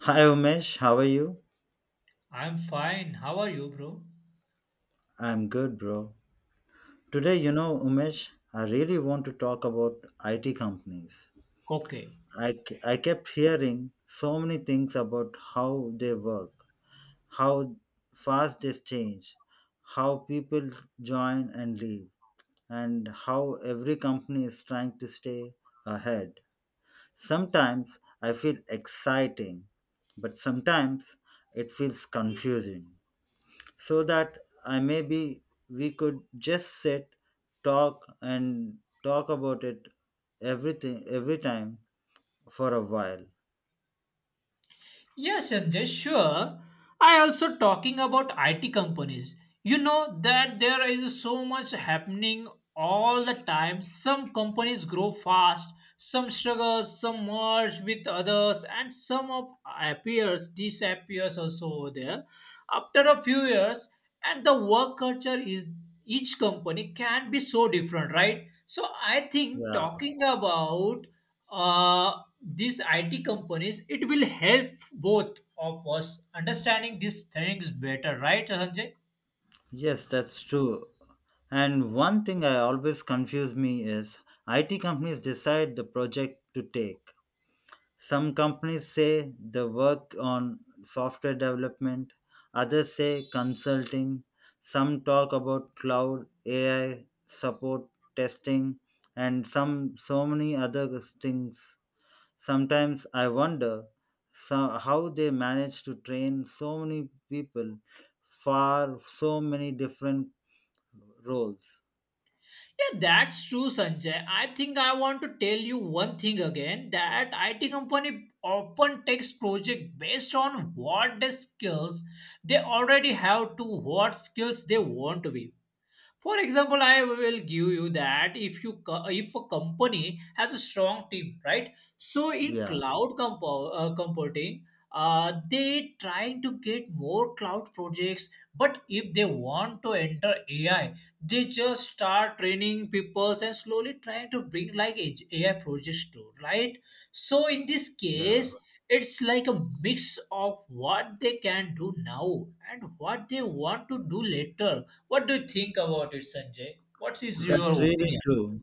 Hi Umesh, how are you? I'm fine. How are you, bro? I'm good, bro. Today, Umesh, I really want to talk about IT companies. Okay. I kept hearing so many things about how they work, how fast they change, how people join and leave, and how every company is trying to stay ahead. Sometimes I feel exciting, but sometimes it feels confusing so that I maybe we could just sit, talk, and talk about it everything every time for a while. Yes, Sanjay, sure. I also talking about IT companies. You know that there is so much happening all the time. Some companies grow fast, some struggle, some merge with others, and some of appears disappears also over there. After a few years, and the work culture is each company can be so different, right? So I think Yeah, talking about uh, these IT companies, it will help both of us understanding these things better, right, Sanjay? yes, that's true. And one thing I always confuse me is IT companies decide the project to take, some companies say they work on software development, others say consulting, some talk about cloud, AI, support, testing, and some so many other things. Sometimes I wonder so, how they manage to train so many people for so many different roles. Yeah, that's true, Sanjay. I think I want to tell you one thing again that IT company often takes project based on what the skills they already have to what skills they want to be. For example, I will give you that if you co- if a company has a strong team, right? So in Yeah, computing, they trying to get more cloud projects. But if they want to enter AI, they just start training people and slowly trying to bring AI projects to right. So in this yeah. case, it's like a mix of what they can do now and what they want to do later. What do you think about it, Sanjay? What is your That's really opinion? true.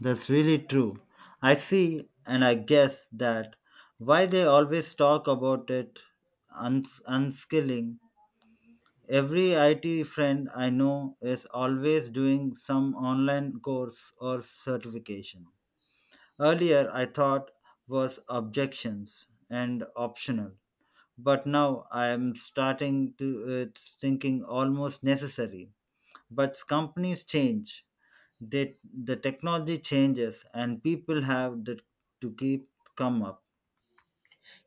That's really true. I see, and I guess that why they always talk about it unskilling. Every IT friend I know is always doing some online course or certification. Earlier, I thought was objections and optional, but now I am starting to it's thinking almost necessary. But companies change, that the technology changes and people have to keep come up.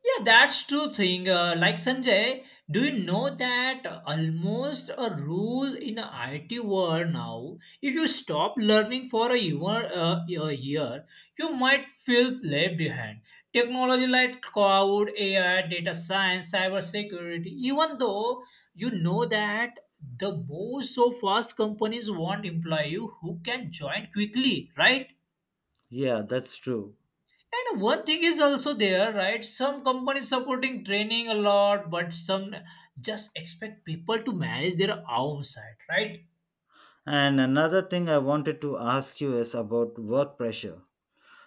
Yeah, that's true thing. Like Sanjay, do you know that almost a rule in a IT world now? If you stop learning for a year, a year, you might feel left behind. Technology like cloud, AI, data science, cybersecurity. Even though you know that the most so fast companies want employee who can join quickly, right? Yeah, that's true. And one thing is also there, right? Some companies supporting training a lot, but some just expect people to manage their own side, right? And another thing I wanted to ask you is about work pressure.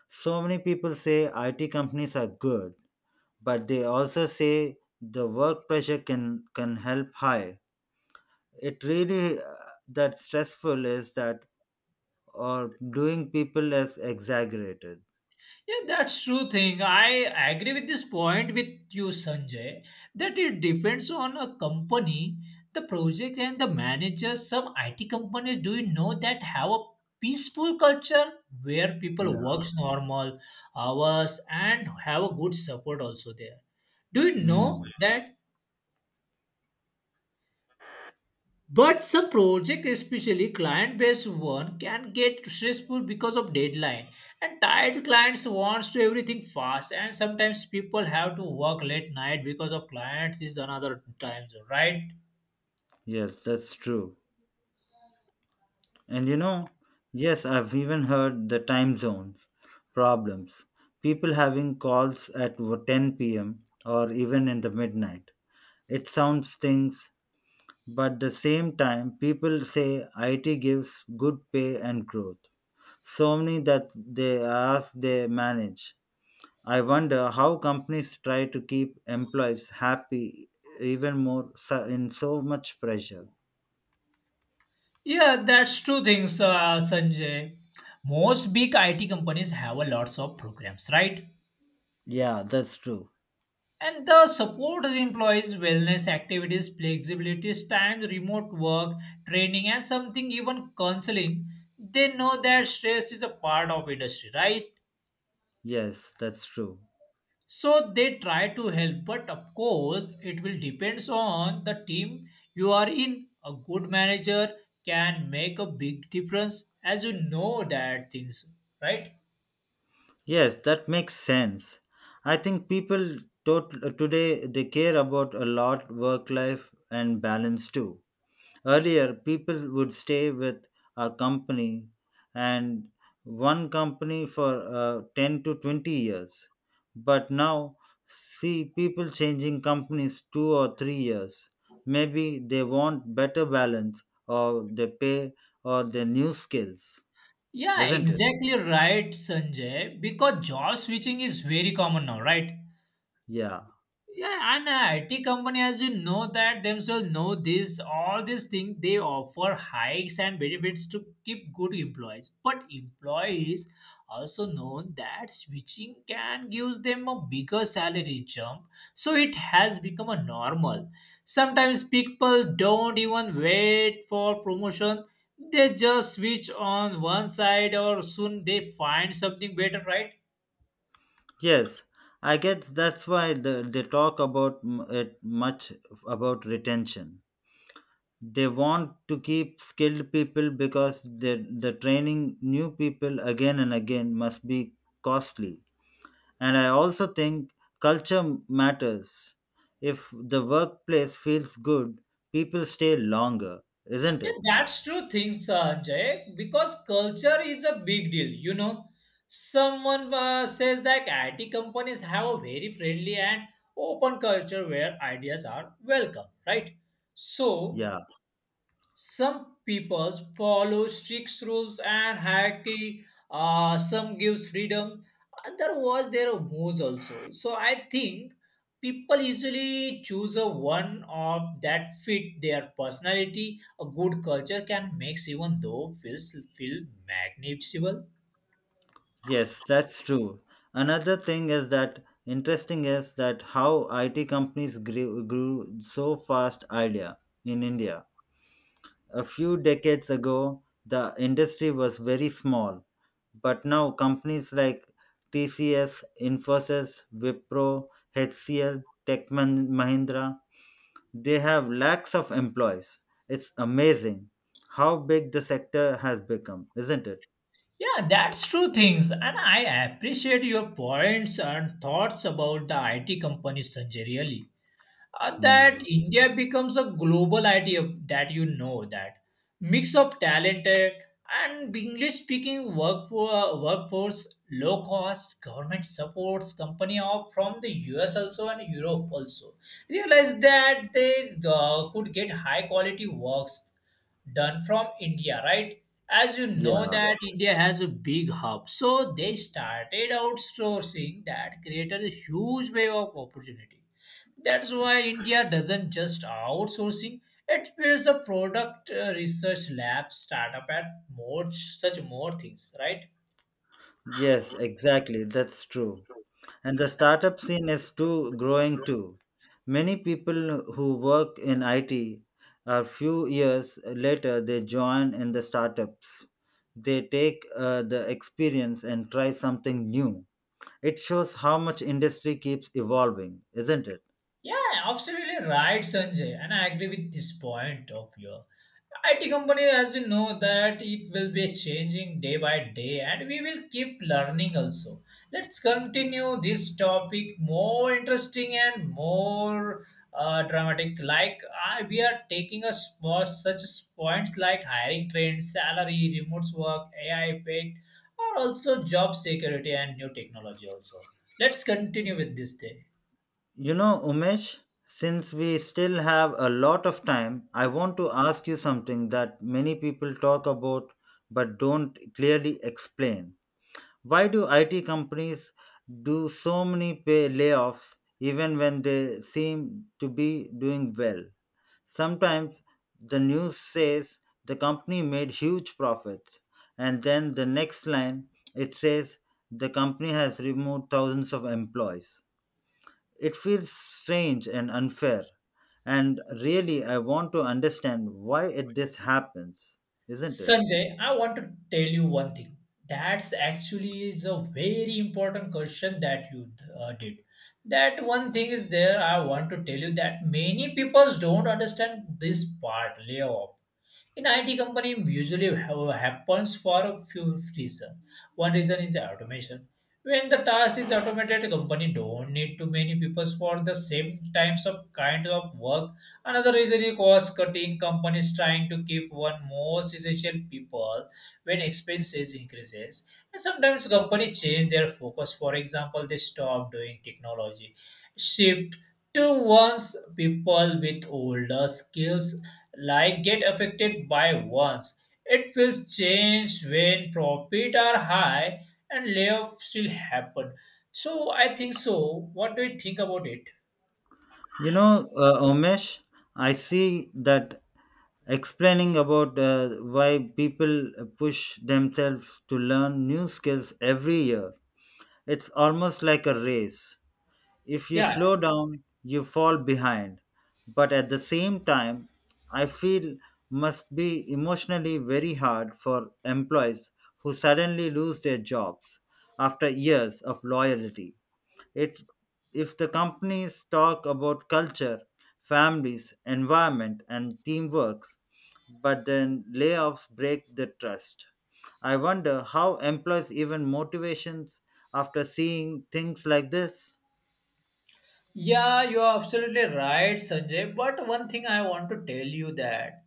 So many people say IT companies are good, but they also say the work pressure can help high. It really that stressful is that or doing people is exaggerated. Yeah, that's true thing. I agree with this point with you, Sanjay, that it depends on a company, the project and the manager. Some IT companies do you know that have a peaceful culture where people Yeah. works normal hours and have a good support also there. Do you know Hmm. that but some project, especially client-based one, can get stressful because of deadline. And tired clients wants to everything fast. And sometimes people have to work late night because of clients is another time zone, right? Yes, that's true. And yes, I've even heard the time zone problems. People having calls at 10 p.m. or even in the midnight. It sounds stings, but the same time, people say IT gives good pay and growth. So many that they ask they manage. I wonder how companies try to keep employees happy even more in so much pressure. Yeah, that's true things, Sanjay. Most big IT companies have a lots of programs, right? Yeah, that's true. And the support employees' wellness activities, flexibility, times, remote work, training, and something even counseling. They know that stress is a part of industry, right? Yes, that's true. So they try to help, but of course, it will depends on the team you are in. A good manager can make a big difference, as you know that things, right? Yes, that makes sense. I think people today they care about a lot work life and balance too. Earlier, people would stay with a company and one company for 10 to 20 years. But now, see people changing companies 2 or 3 years. Maybe they want better balance or they pay or their new skills, Yeah, isn't it? exactly right, Sanjay. Because job switching is very common now, right? Yeah. Yeah, and IT company, as you know that themselves know this, all these things they offer hikes and benefits to keep good employees. But employees also know that switching can give them a bigger salary jump, so it has become a normal. Sometimes people don't even wait for promotion; they just switch on one side, or soon they find something better, right? Yes, I guess that's why they talk about it much about retention. They want to keep skilled people because the training new people again and again must be costly. And I also think culture matters. If the workplace feels good, people stay longer, isn't Yeah, it? that's true things, Sanjay, because culture is a big deal, you know. Someone says that IT companies have a very friendly and open culture where ideas are welcome, right? So, Yeah. some peoples follow strict rules and hierarchy, some gives freedom other was their moves also. So I think people usually choose a one of that fit their personality. A good culture can make even though feels feel magnificent. Yes, that's true. Another thing is that interesting is that how IT companies grew so fast idea in India. A few decades ago, the industry was very small, but now companies like TCS, Infosys, Wipro, HCL, Tech Mahindra, they have lakhs of employees. It's amazing how big the sector has become, isn't it? Yeah, that's true things, and I appreciate your points and thoughts about the IT company, Sanjay. Really, Hmm. that India becomes a global idea that you know that mix of talented and English speaking workforce, low cost government supports company of from the US also and Europe also realize that they could get high quality works done from India, right? As you know Yeah. that India has a big hub, so they started outsourcing that created a huge wave of opportunity. That's why India doesn't just outsourcing; it builds a product research lab, startup, and more such more things, right? Yes, exactly. That's true. And the startup scene is too growing too. Many people who work in IT a few years later they join in the startups. They take the experience and try something new. It shows how much industry keeps evolving, isn't it? Yeah, absolutely right, Sanjay. And I agree with this point of your IT company, as you know, that it will be changing day by day, and we will keep learning also. Let's continue this topic more interesting and more dramatic. Like we are taking us for such as points like hiring trends, salary, remote work, AI impact, or also job security and new technology. Also, let's continue with this day. Umesh, since we still have a lot of time, I want to ask you something that many people talk about but don't clearly explain. Why do IT companies do so many pay layoffs even when they seem to be doing well? Sometimes the news says the company made huge profits, and then the next line it says the company has removed thousands of employees. It feels strange and unfair, and really, I want to understand why this happens, isn't it? Sanjay, I want to tell you one thing. That's actually is a very important question that you did. That one thing is there. I want to tell you that many people don't understand this part layoff. In IT company, usually happens for a few reasons. One reason is automation. When the task is automated, the company don't need too many people for the same types of kind of work. Another reason is cost cutting. Companies trying to keep one most essential people when expenses increases. And sometimes company change their focus. For example, they stop doing technology, shift to ones people with older skills like get affected by once. It feels change when profit are high and layoff still happen. So I think so. What do you think about it? Umesh, I see that explaining about why people push themselves to learn new skills every year. It's almost like a race. If you Yeah. slow down, you fall behind. But at the same time, I feel must be emotionally very hard for employees who suddenly lose their jobs after years of loyalty. It if the companies talk about culture, families, environment and teamwork, but then layoffs break the trust. I wonder how employees even motivations after seeing things like this. Yeah, you are absolutely right, Sanjay. But one thing I want to tell you that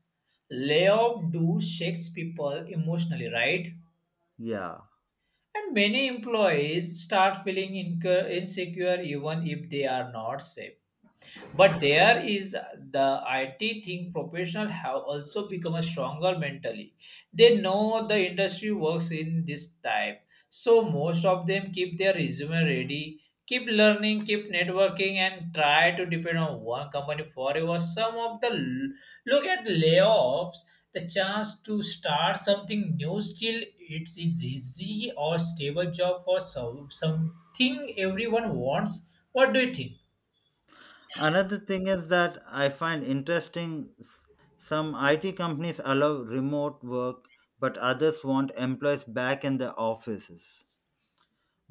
layoff do shakes people emotionally, right? Yeah. And many employees start feeling insecure even if they are not safe. But there is the IT thing professional have also become a stronger mentally. They know the industry works in this type. So most of them keep their resume ready, keep learning, keep networking and try to depend on one company forever. Some of the look at layoffs, the chance to start something new still it's easy or stable job for some, something everyone wants. What do you think? Another thing is that I find interesting some IT companies allow remote work, but others want employees back in the offices.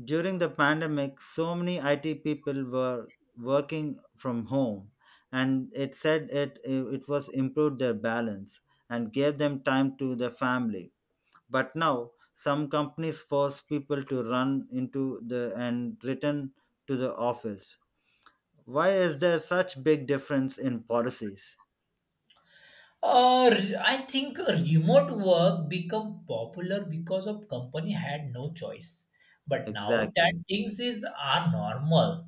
During the pandemic, so many IT people were working from home, and it said it was improved their balance and gave them time to their family. But now, some companies force people to run into the and return to the office. Why is there such big difference in policies? I think remote work become popular because of company had no choice. But now that Exactly. things is are normal.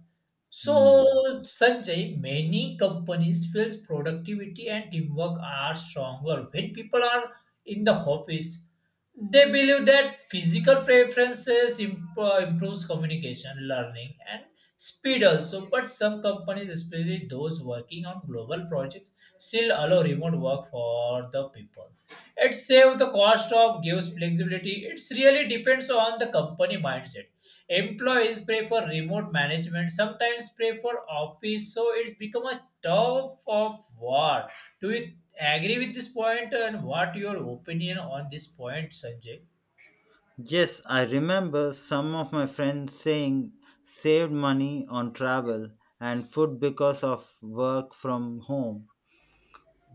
So Hmm. Sanjay, many companies feels productivity and teamwork are stronger when people are in the office. They believe that physical preferences improves communication, learning, and speed also. But some companies, especially those working on global projects, still allow remote work for the people. It saves the cost of gives flexibility. It really depends on the company mindset. Employees prefer remote management, sometimes prefer office, so it's become a tough of war. Do you agree with this point and what your opinion on this point, Sanjay? Yes, I remember some of my friends saying saved money on travel and food because of work from home.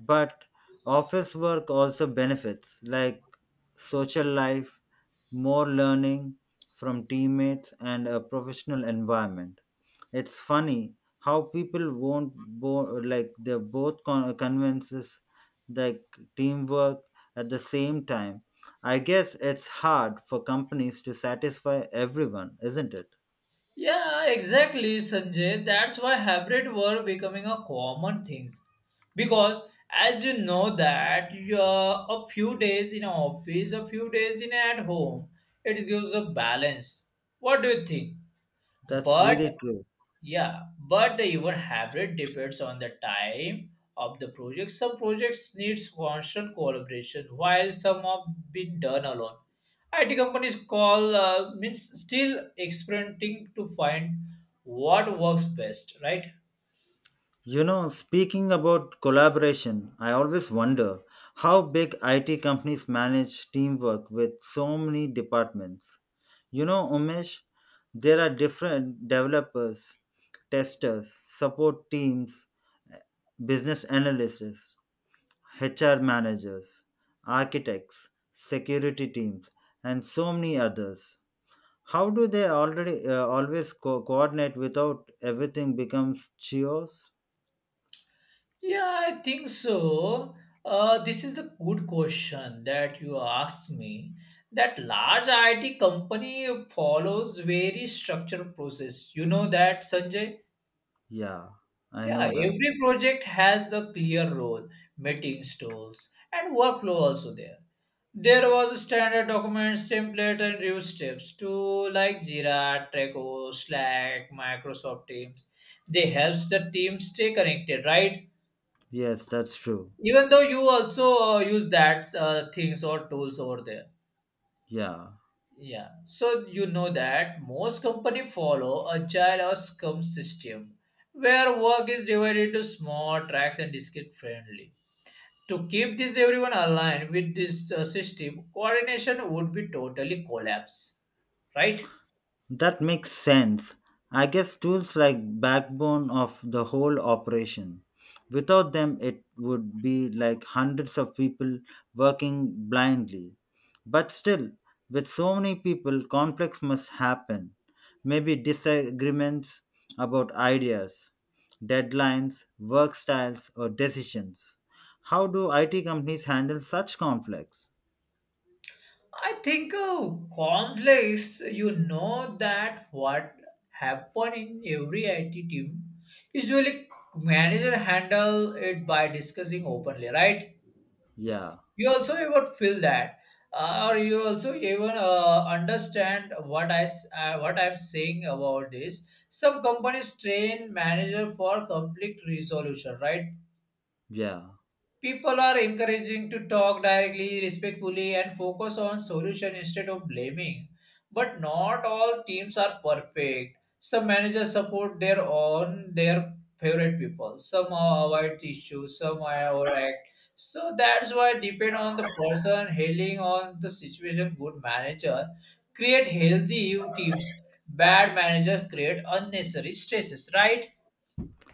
But office work also benefits like social life, more learning from teammates, and a professional environment. It's funny how people won't like they both convinces like teamwork at the same time. I guess it's hard for companies to satisfy everyone, isn't it? Yeah, exactly, Sanjay. That's why hybrid work becoming a common things. Because as you know that a few days in office, a few days in at home, it gives a balance. What do you think? That's But really true. yeah, but the even hybrid depends on the time of the project. Some projects needs constant collaboration, while some have been done alone. IT companies call means still experimenting to find what works best, right? Speaking about collaboration, I always wonder how big IT companies manage teamwork with so many departments. Umesh, there are different developers, testers, support teams, business analysts, HR managers, architects, security teams, and so many others. How do they already always coordinate without everything becomes chaos? Yeah, I think so. This is a good question that you asked me. That large IT company follows very structured process. You know that, Sanjay? Yeah, I Yeah, know that. every project has a clear role, meeting tools, and workflow also there. There was a standard documents, template, and review steps to like Jira, Trello, Slack, Microsoft Teams. They helps the team stay connected, right? Yes, that's true. Even though you also use that things or tools over there. Yeah, Yeah, so you know that most company follow agile or Scrum system, where work is divided into small tracks and discrete friendly, to keep this everyone aligned with this system coordination would be totally collapse, right? that makes sense. I guess tools like backbone of the whole operation. Without them, it would be like hundreds of people working blindly. But still, with so many people, conflicts must happen. Maybe disagreements about ideas, deadlines, work styles, or decisions. How do IT companies handle such conflicts? I think complex, you know that what happen in every IT team usually manager handle it by discussing openly, right? Yeah. You also ever feel that or you also even understand what I'm saying about this. Some companies train manager for conflict resolution, right? Yeah. People are encouraging to talk directly, respectfully, and focus on solution instead of blaming. But not all teams are perfect. Some managers support their own their favorite people. Some avoid issues. Some are overact. So that's why depend on the person hailing on the situation. Good manager create healthy teams. Bad managers create unnecessary stresses. Right?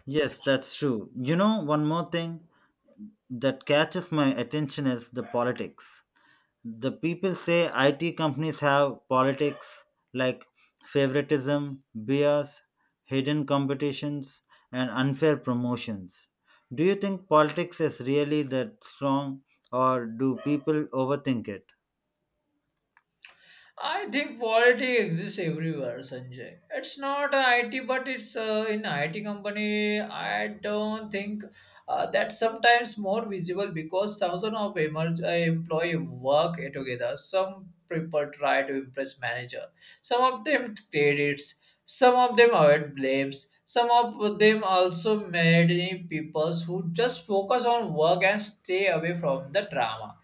Yes, that's true. One more thing that catches my attention is the politics. The people say IT companies have politics like favoritism, bias, hidden competitions, and unfair promotions. Do you think politics is really that strong, or do people overthink it? I think poverty exists everywhere, Sanjay. It's not IT, but it's in IT company. I don't think that sometimes more visible because thousands of employee work together. Some people try to impress manager. Some of them credits. Some of them avoid blames. Some of them also made people who just focus on work and stay away from the drama.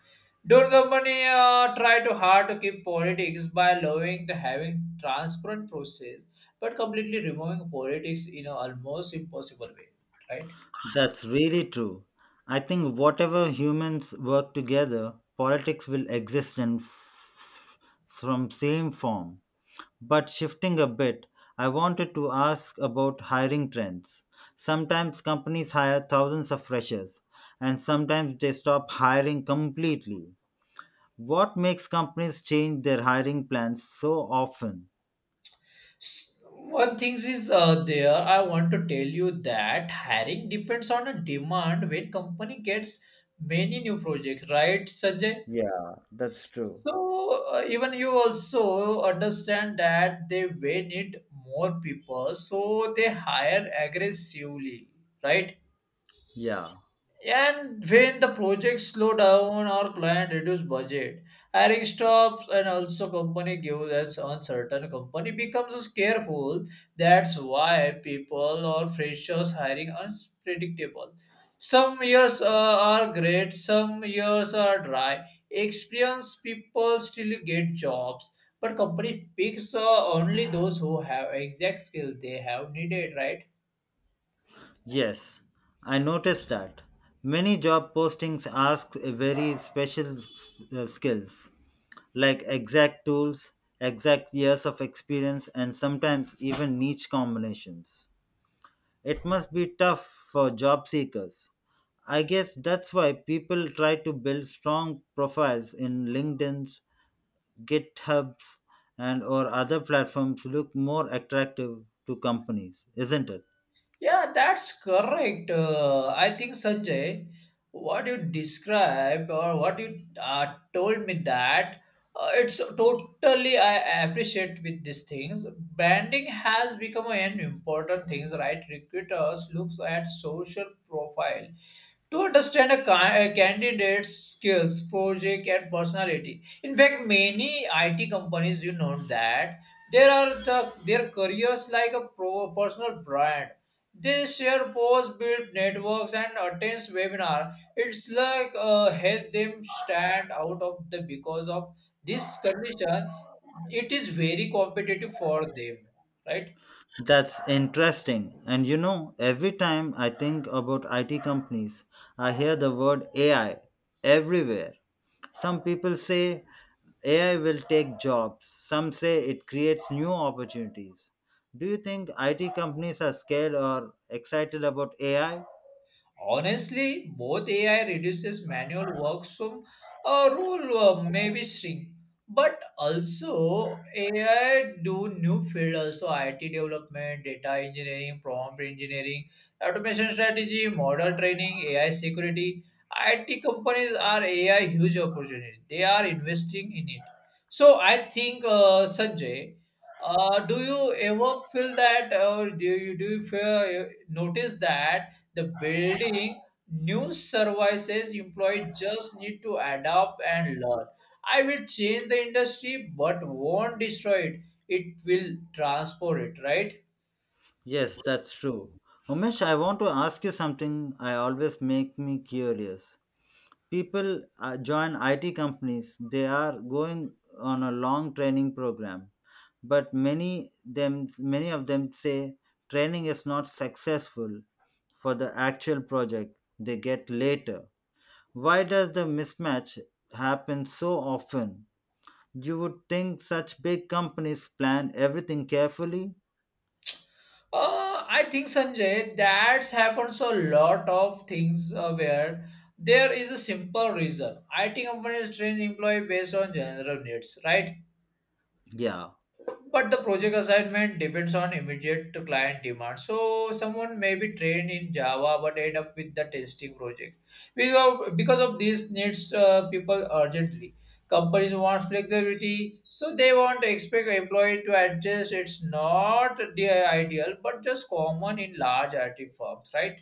Don't company try too hard to keep politics by allowing to having transparent process, but completely removing politics in a almost impossible way, right? That's really true. I think whatever humans work together, politics will exist in from same form. But shifting a bit, I wanted to ask about hiring trends. Sometimes companies hire thousands of freshers, and sometimes they stop hiring completely. What makes companies change their hiring plans so often? S- One thing is there, I want to tell you that hiring depends on a demand when company gets many new projects, right, Sanjay? Yeah, that's true. So even you also understand that they may need more people, so they hire aggressively, right? Yeah. And when the projects slow down or client reduce budget, hiring stops and also company gives us uncertain company becomes careful. That's why people or freshers hiring unpredictable. Some years are great, some years are dry. Experienced people still get jobs, but company picks only those who have exact skill they have needed, right? Yes, I noticed that. Many job postings ask a very special skills like exact tools, exact years of experience, and sometimes even niche combinations. It must be tough for job seekers. I guess that's why people try to build strong profiles in LinkedIn's, GitHub's, and or other platforms look more attractive to companies, isn't it? Yeah, that's correct. I think Sanjay, what you described or what you told me that it's totally I appreciate with these things. Branding has become an important things, right? Recruiters looks at social profile to understand a, a candidate's skills, project, and personality. In fact, many IT companies, you know that there are the, their careers like a pro, personal brand. They share posts, build networks, and attends webinar. It's like help them stand out of the because of this condition. It is very competitive for them, right? That's interesting. And every time I think about IT companies, I hear the word AI everywhere. Some people say AI will take jobs, some say it creates new opportunities. Do you think IT companies are scared or excited about AI? Honestly, both AI reduces manual work, so a role may be shrink. But also, AI do new field also IT development, data engineering, prompt engineering, automation strategy, model training, AI security. IT companies are AI huge opportunity. They are investing in it. So I think Sanjay, do you ever feel that, or do you feel, notice that? The building new services employed just need to adapt and learn. I will change the industry, but won't destroy it. It will transform it, right? Yes, that's true. Umesh, I want to ask you something I always make me curious. People join IT companies, they are going on a long training program but many of them say training is not successful for the actual project they get later. Why does the mismatch happen so often? You would think such big companies plan everything carefully. I think Sanjay that's happens a lot of things where there is a simple reason. It companies train employee based on general needs, right? Yeah, But the project assignment depends on immediate to client demand. So someone may be trained in Java but end up with the testing project. Because of this needs people urgently. Companies want flexibility, so they want to expect employee to adjust. It's not the ideal, but just common in large IT firms, right?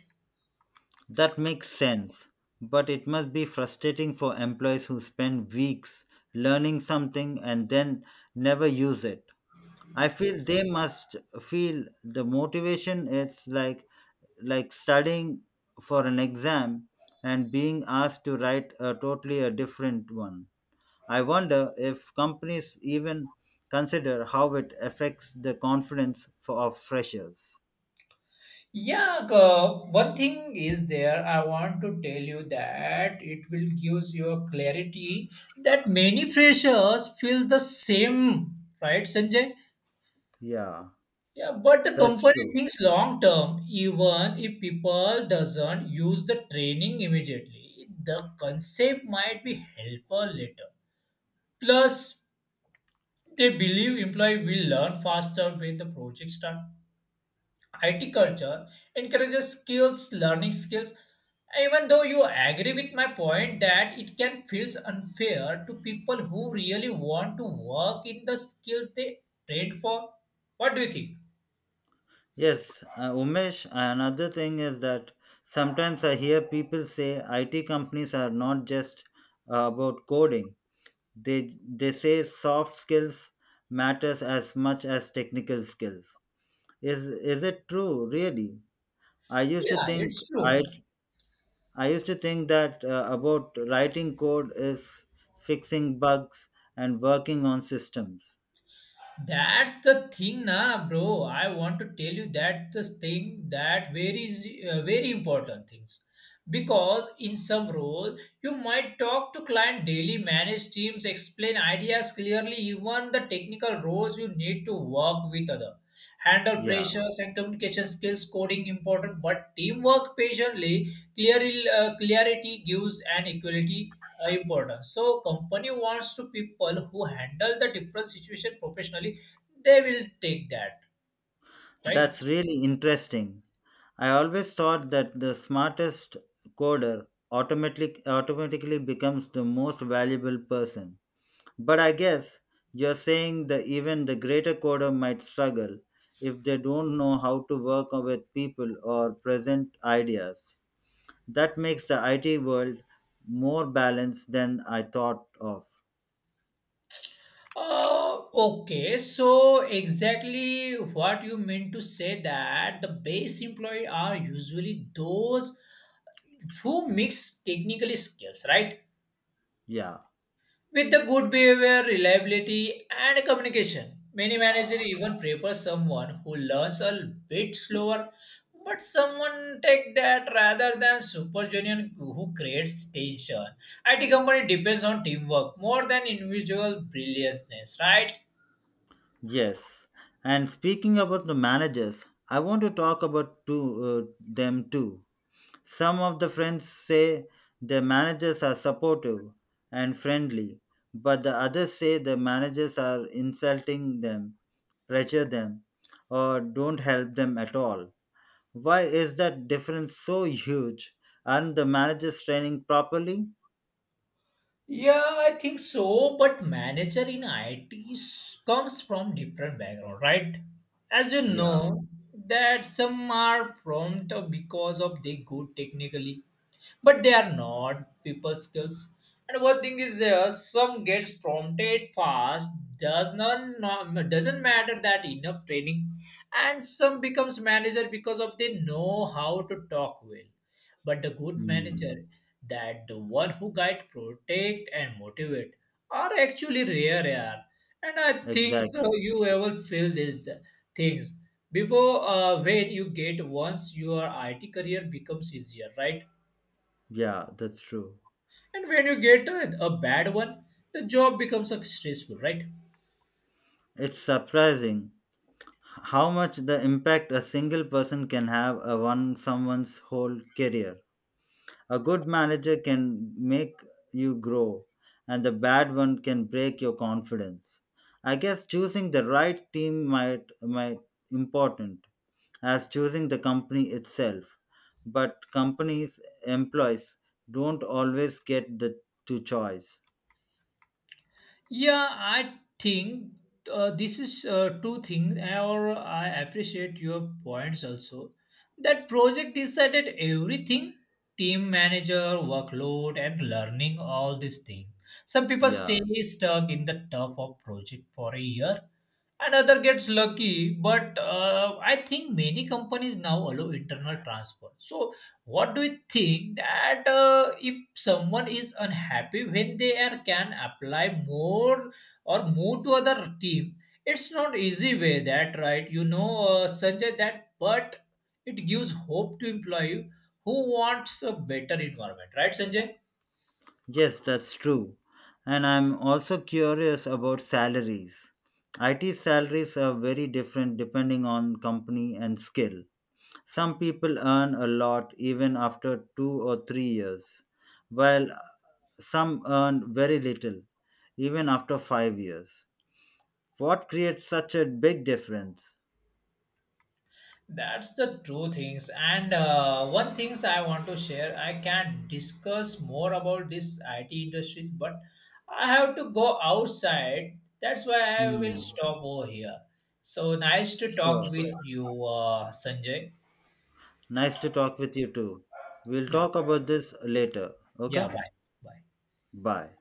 that makes sense. But it must be frustrating for employees who spend weeks learning something and then never use it. I feel they must feel the motivation is like studying for an exam and being asked to write a totally a different one. I wonder if companies even consider how it affects the confidence of freshers. Yeah, one thing is there. I want to tell you that it will gives you clarity that many freshers feel the same, right, Sanjay? Yeah, Yeah, but the that's company true. thinks long term. Even if people doesn't use the training immediately, the concept might be helpful later. Plus, they believe employee will learn faster when the project start. IT culture encourages skills, learning skills. Even though you agree with my point that it can feels unfair to people who really want to work in the skills they trained for. What do you think? Yes, Umesh, another thing is that sometimes I hear people say IT companies are not just about coding. They say soft skills matters as much as technical skills. Is is it true, really? I used to Yeah, think it's true. That about writing code is fixing bugs and working on systems. That's the thing, na, bro. I want to tell you that the thing that very important things because in some roles you might talk to client daily, manage teams, explain ideas clearly, even the technical roles you need to work with other, handle Yeah, pressures and communication skills, coding important, but teamwork patiently, clearly clarity gives an equality important. So company wants to people who handle the different situation professionally. They will take that, right? that's really interesting. I always thought that the smartest coder automatically becomes the most valuable person. But I guess you're saying that even the greater coder might struggle if they don't know how to work with people or present ideas. That makes the IT world more balanced than I thought of. Okay. So exactly what you meant to say that the base employee are usually those who mix technical skills, right? Yeah. With the good behavior, reliability, and communication, many managers even prefer someone who learns a bit slower, but someone take that rather than super junior who creates tension. IT company depends on teamwork more than individual brilliance, right? Yes. And speaking about the managers, I want to talk about two, them too. Some of the friends say their managers are supportive and friendly, but the others say the managers are insulting them, pressure them, or don't help them at all. Why is that difference so huge? Aren't the managers training properly? Yeah, I think so. But manager in IT comes from different background, right? As you Yeah. know, that some are prompt because of they good technically, but they are not people skills. And one thing is there, some gets prompted fast, does not doesn't matter that enough training, and some becomes manager because of they know how to talk well, but the good Hmm. manager, that the one who guide protect and motivate are actually rare, yeah. And I think so Exactly. you ever feel these things before when you get once your IT career becomes easier, right? Yeah, that's true. And when you get a bad one, the job becomes stressful, right? It's surprising how much the impact a single person can have on someone's whole career. A good manager can make you grow, and the bad one can break your confidence. I guess choosing the right team might important as choosing the company itself. But companies employees don't always get the to choice. Yeah, I think this is two things, or I appreciate your points also. That project decided everything, team manager, workload, and learning all these things. Some people Yeah. stay stuck in the tough of project for a year, another gets lucky. But I think many companies now allow internal transfer. So what do you think that if someone is unhappy when they are can apply more or move to other team, it's not easy way that, right? You know Sanjay that but it gives hope to employee who wants a better environment, right Sanjay? Yes, that's true. And I'm also curious about salaries. IT salaries are very different depending on company and skill. Some people earn a lot even after 2 or 3 years, while some earn very little even after 5 years. What creates such a big difference? That's the true things. And one things I want to share, I can discuss more about this IT industries, but I have to go outside. That's why I will Hmm. stop over here. So nice to talk. Sure. Sure. With you, Sanjay. Nice to talk with you too. We'll Yeah. talk about this later. Okay? Yeah, bye. Bye. Bye.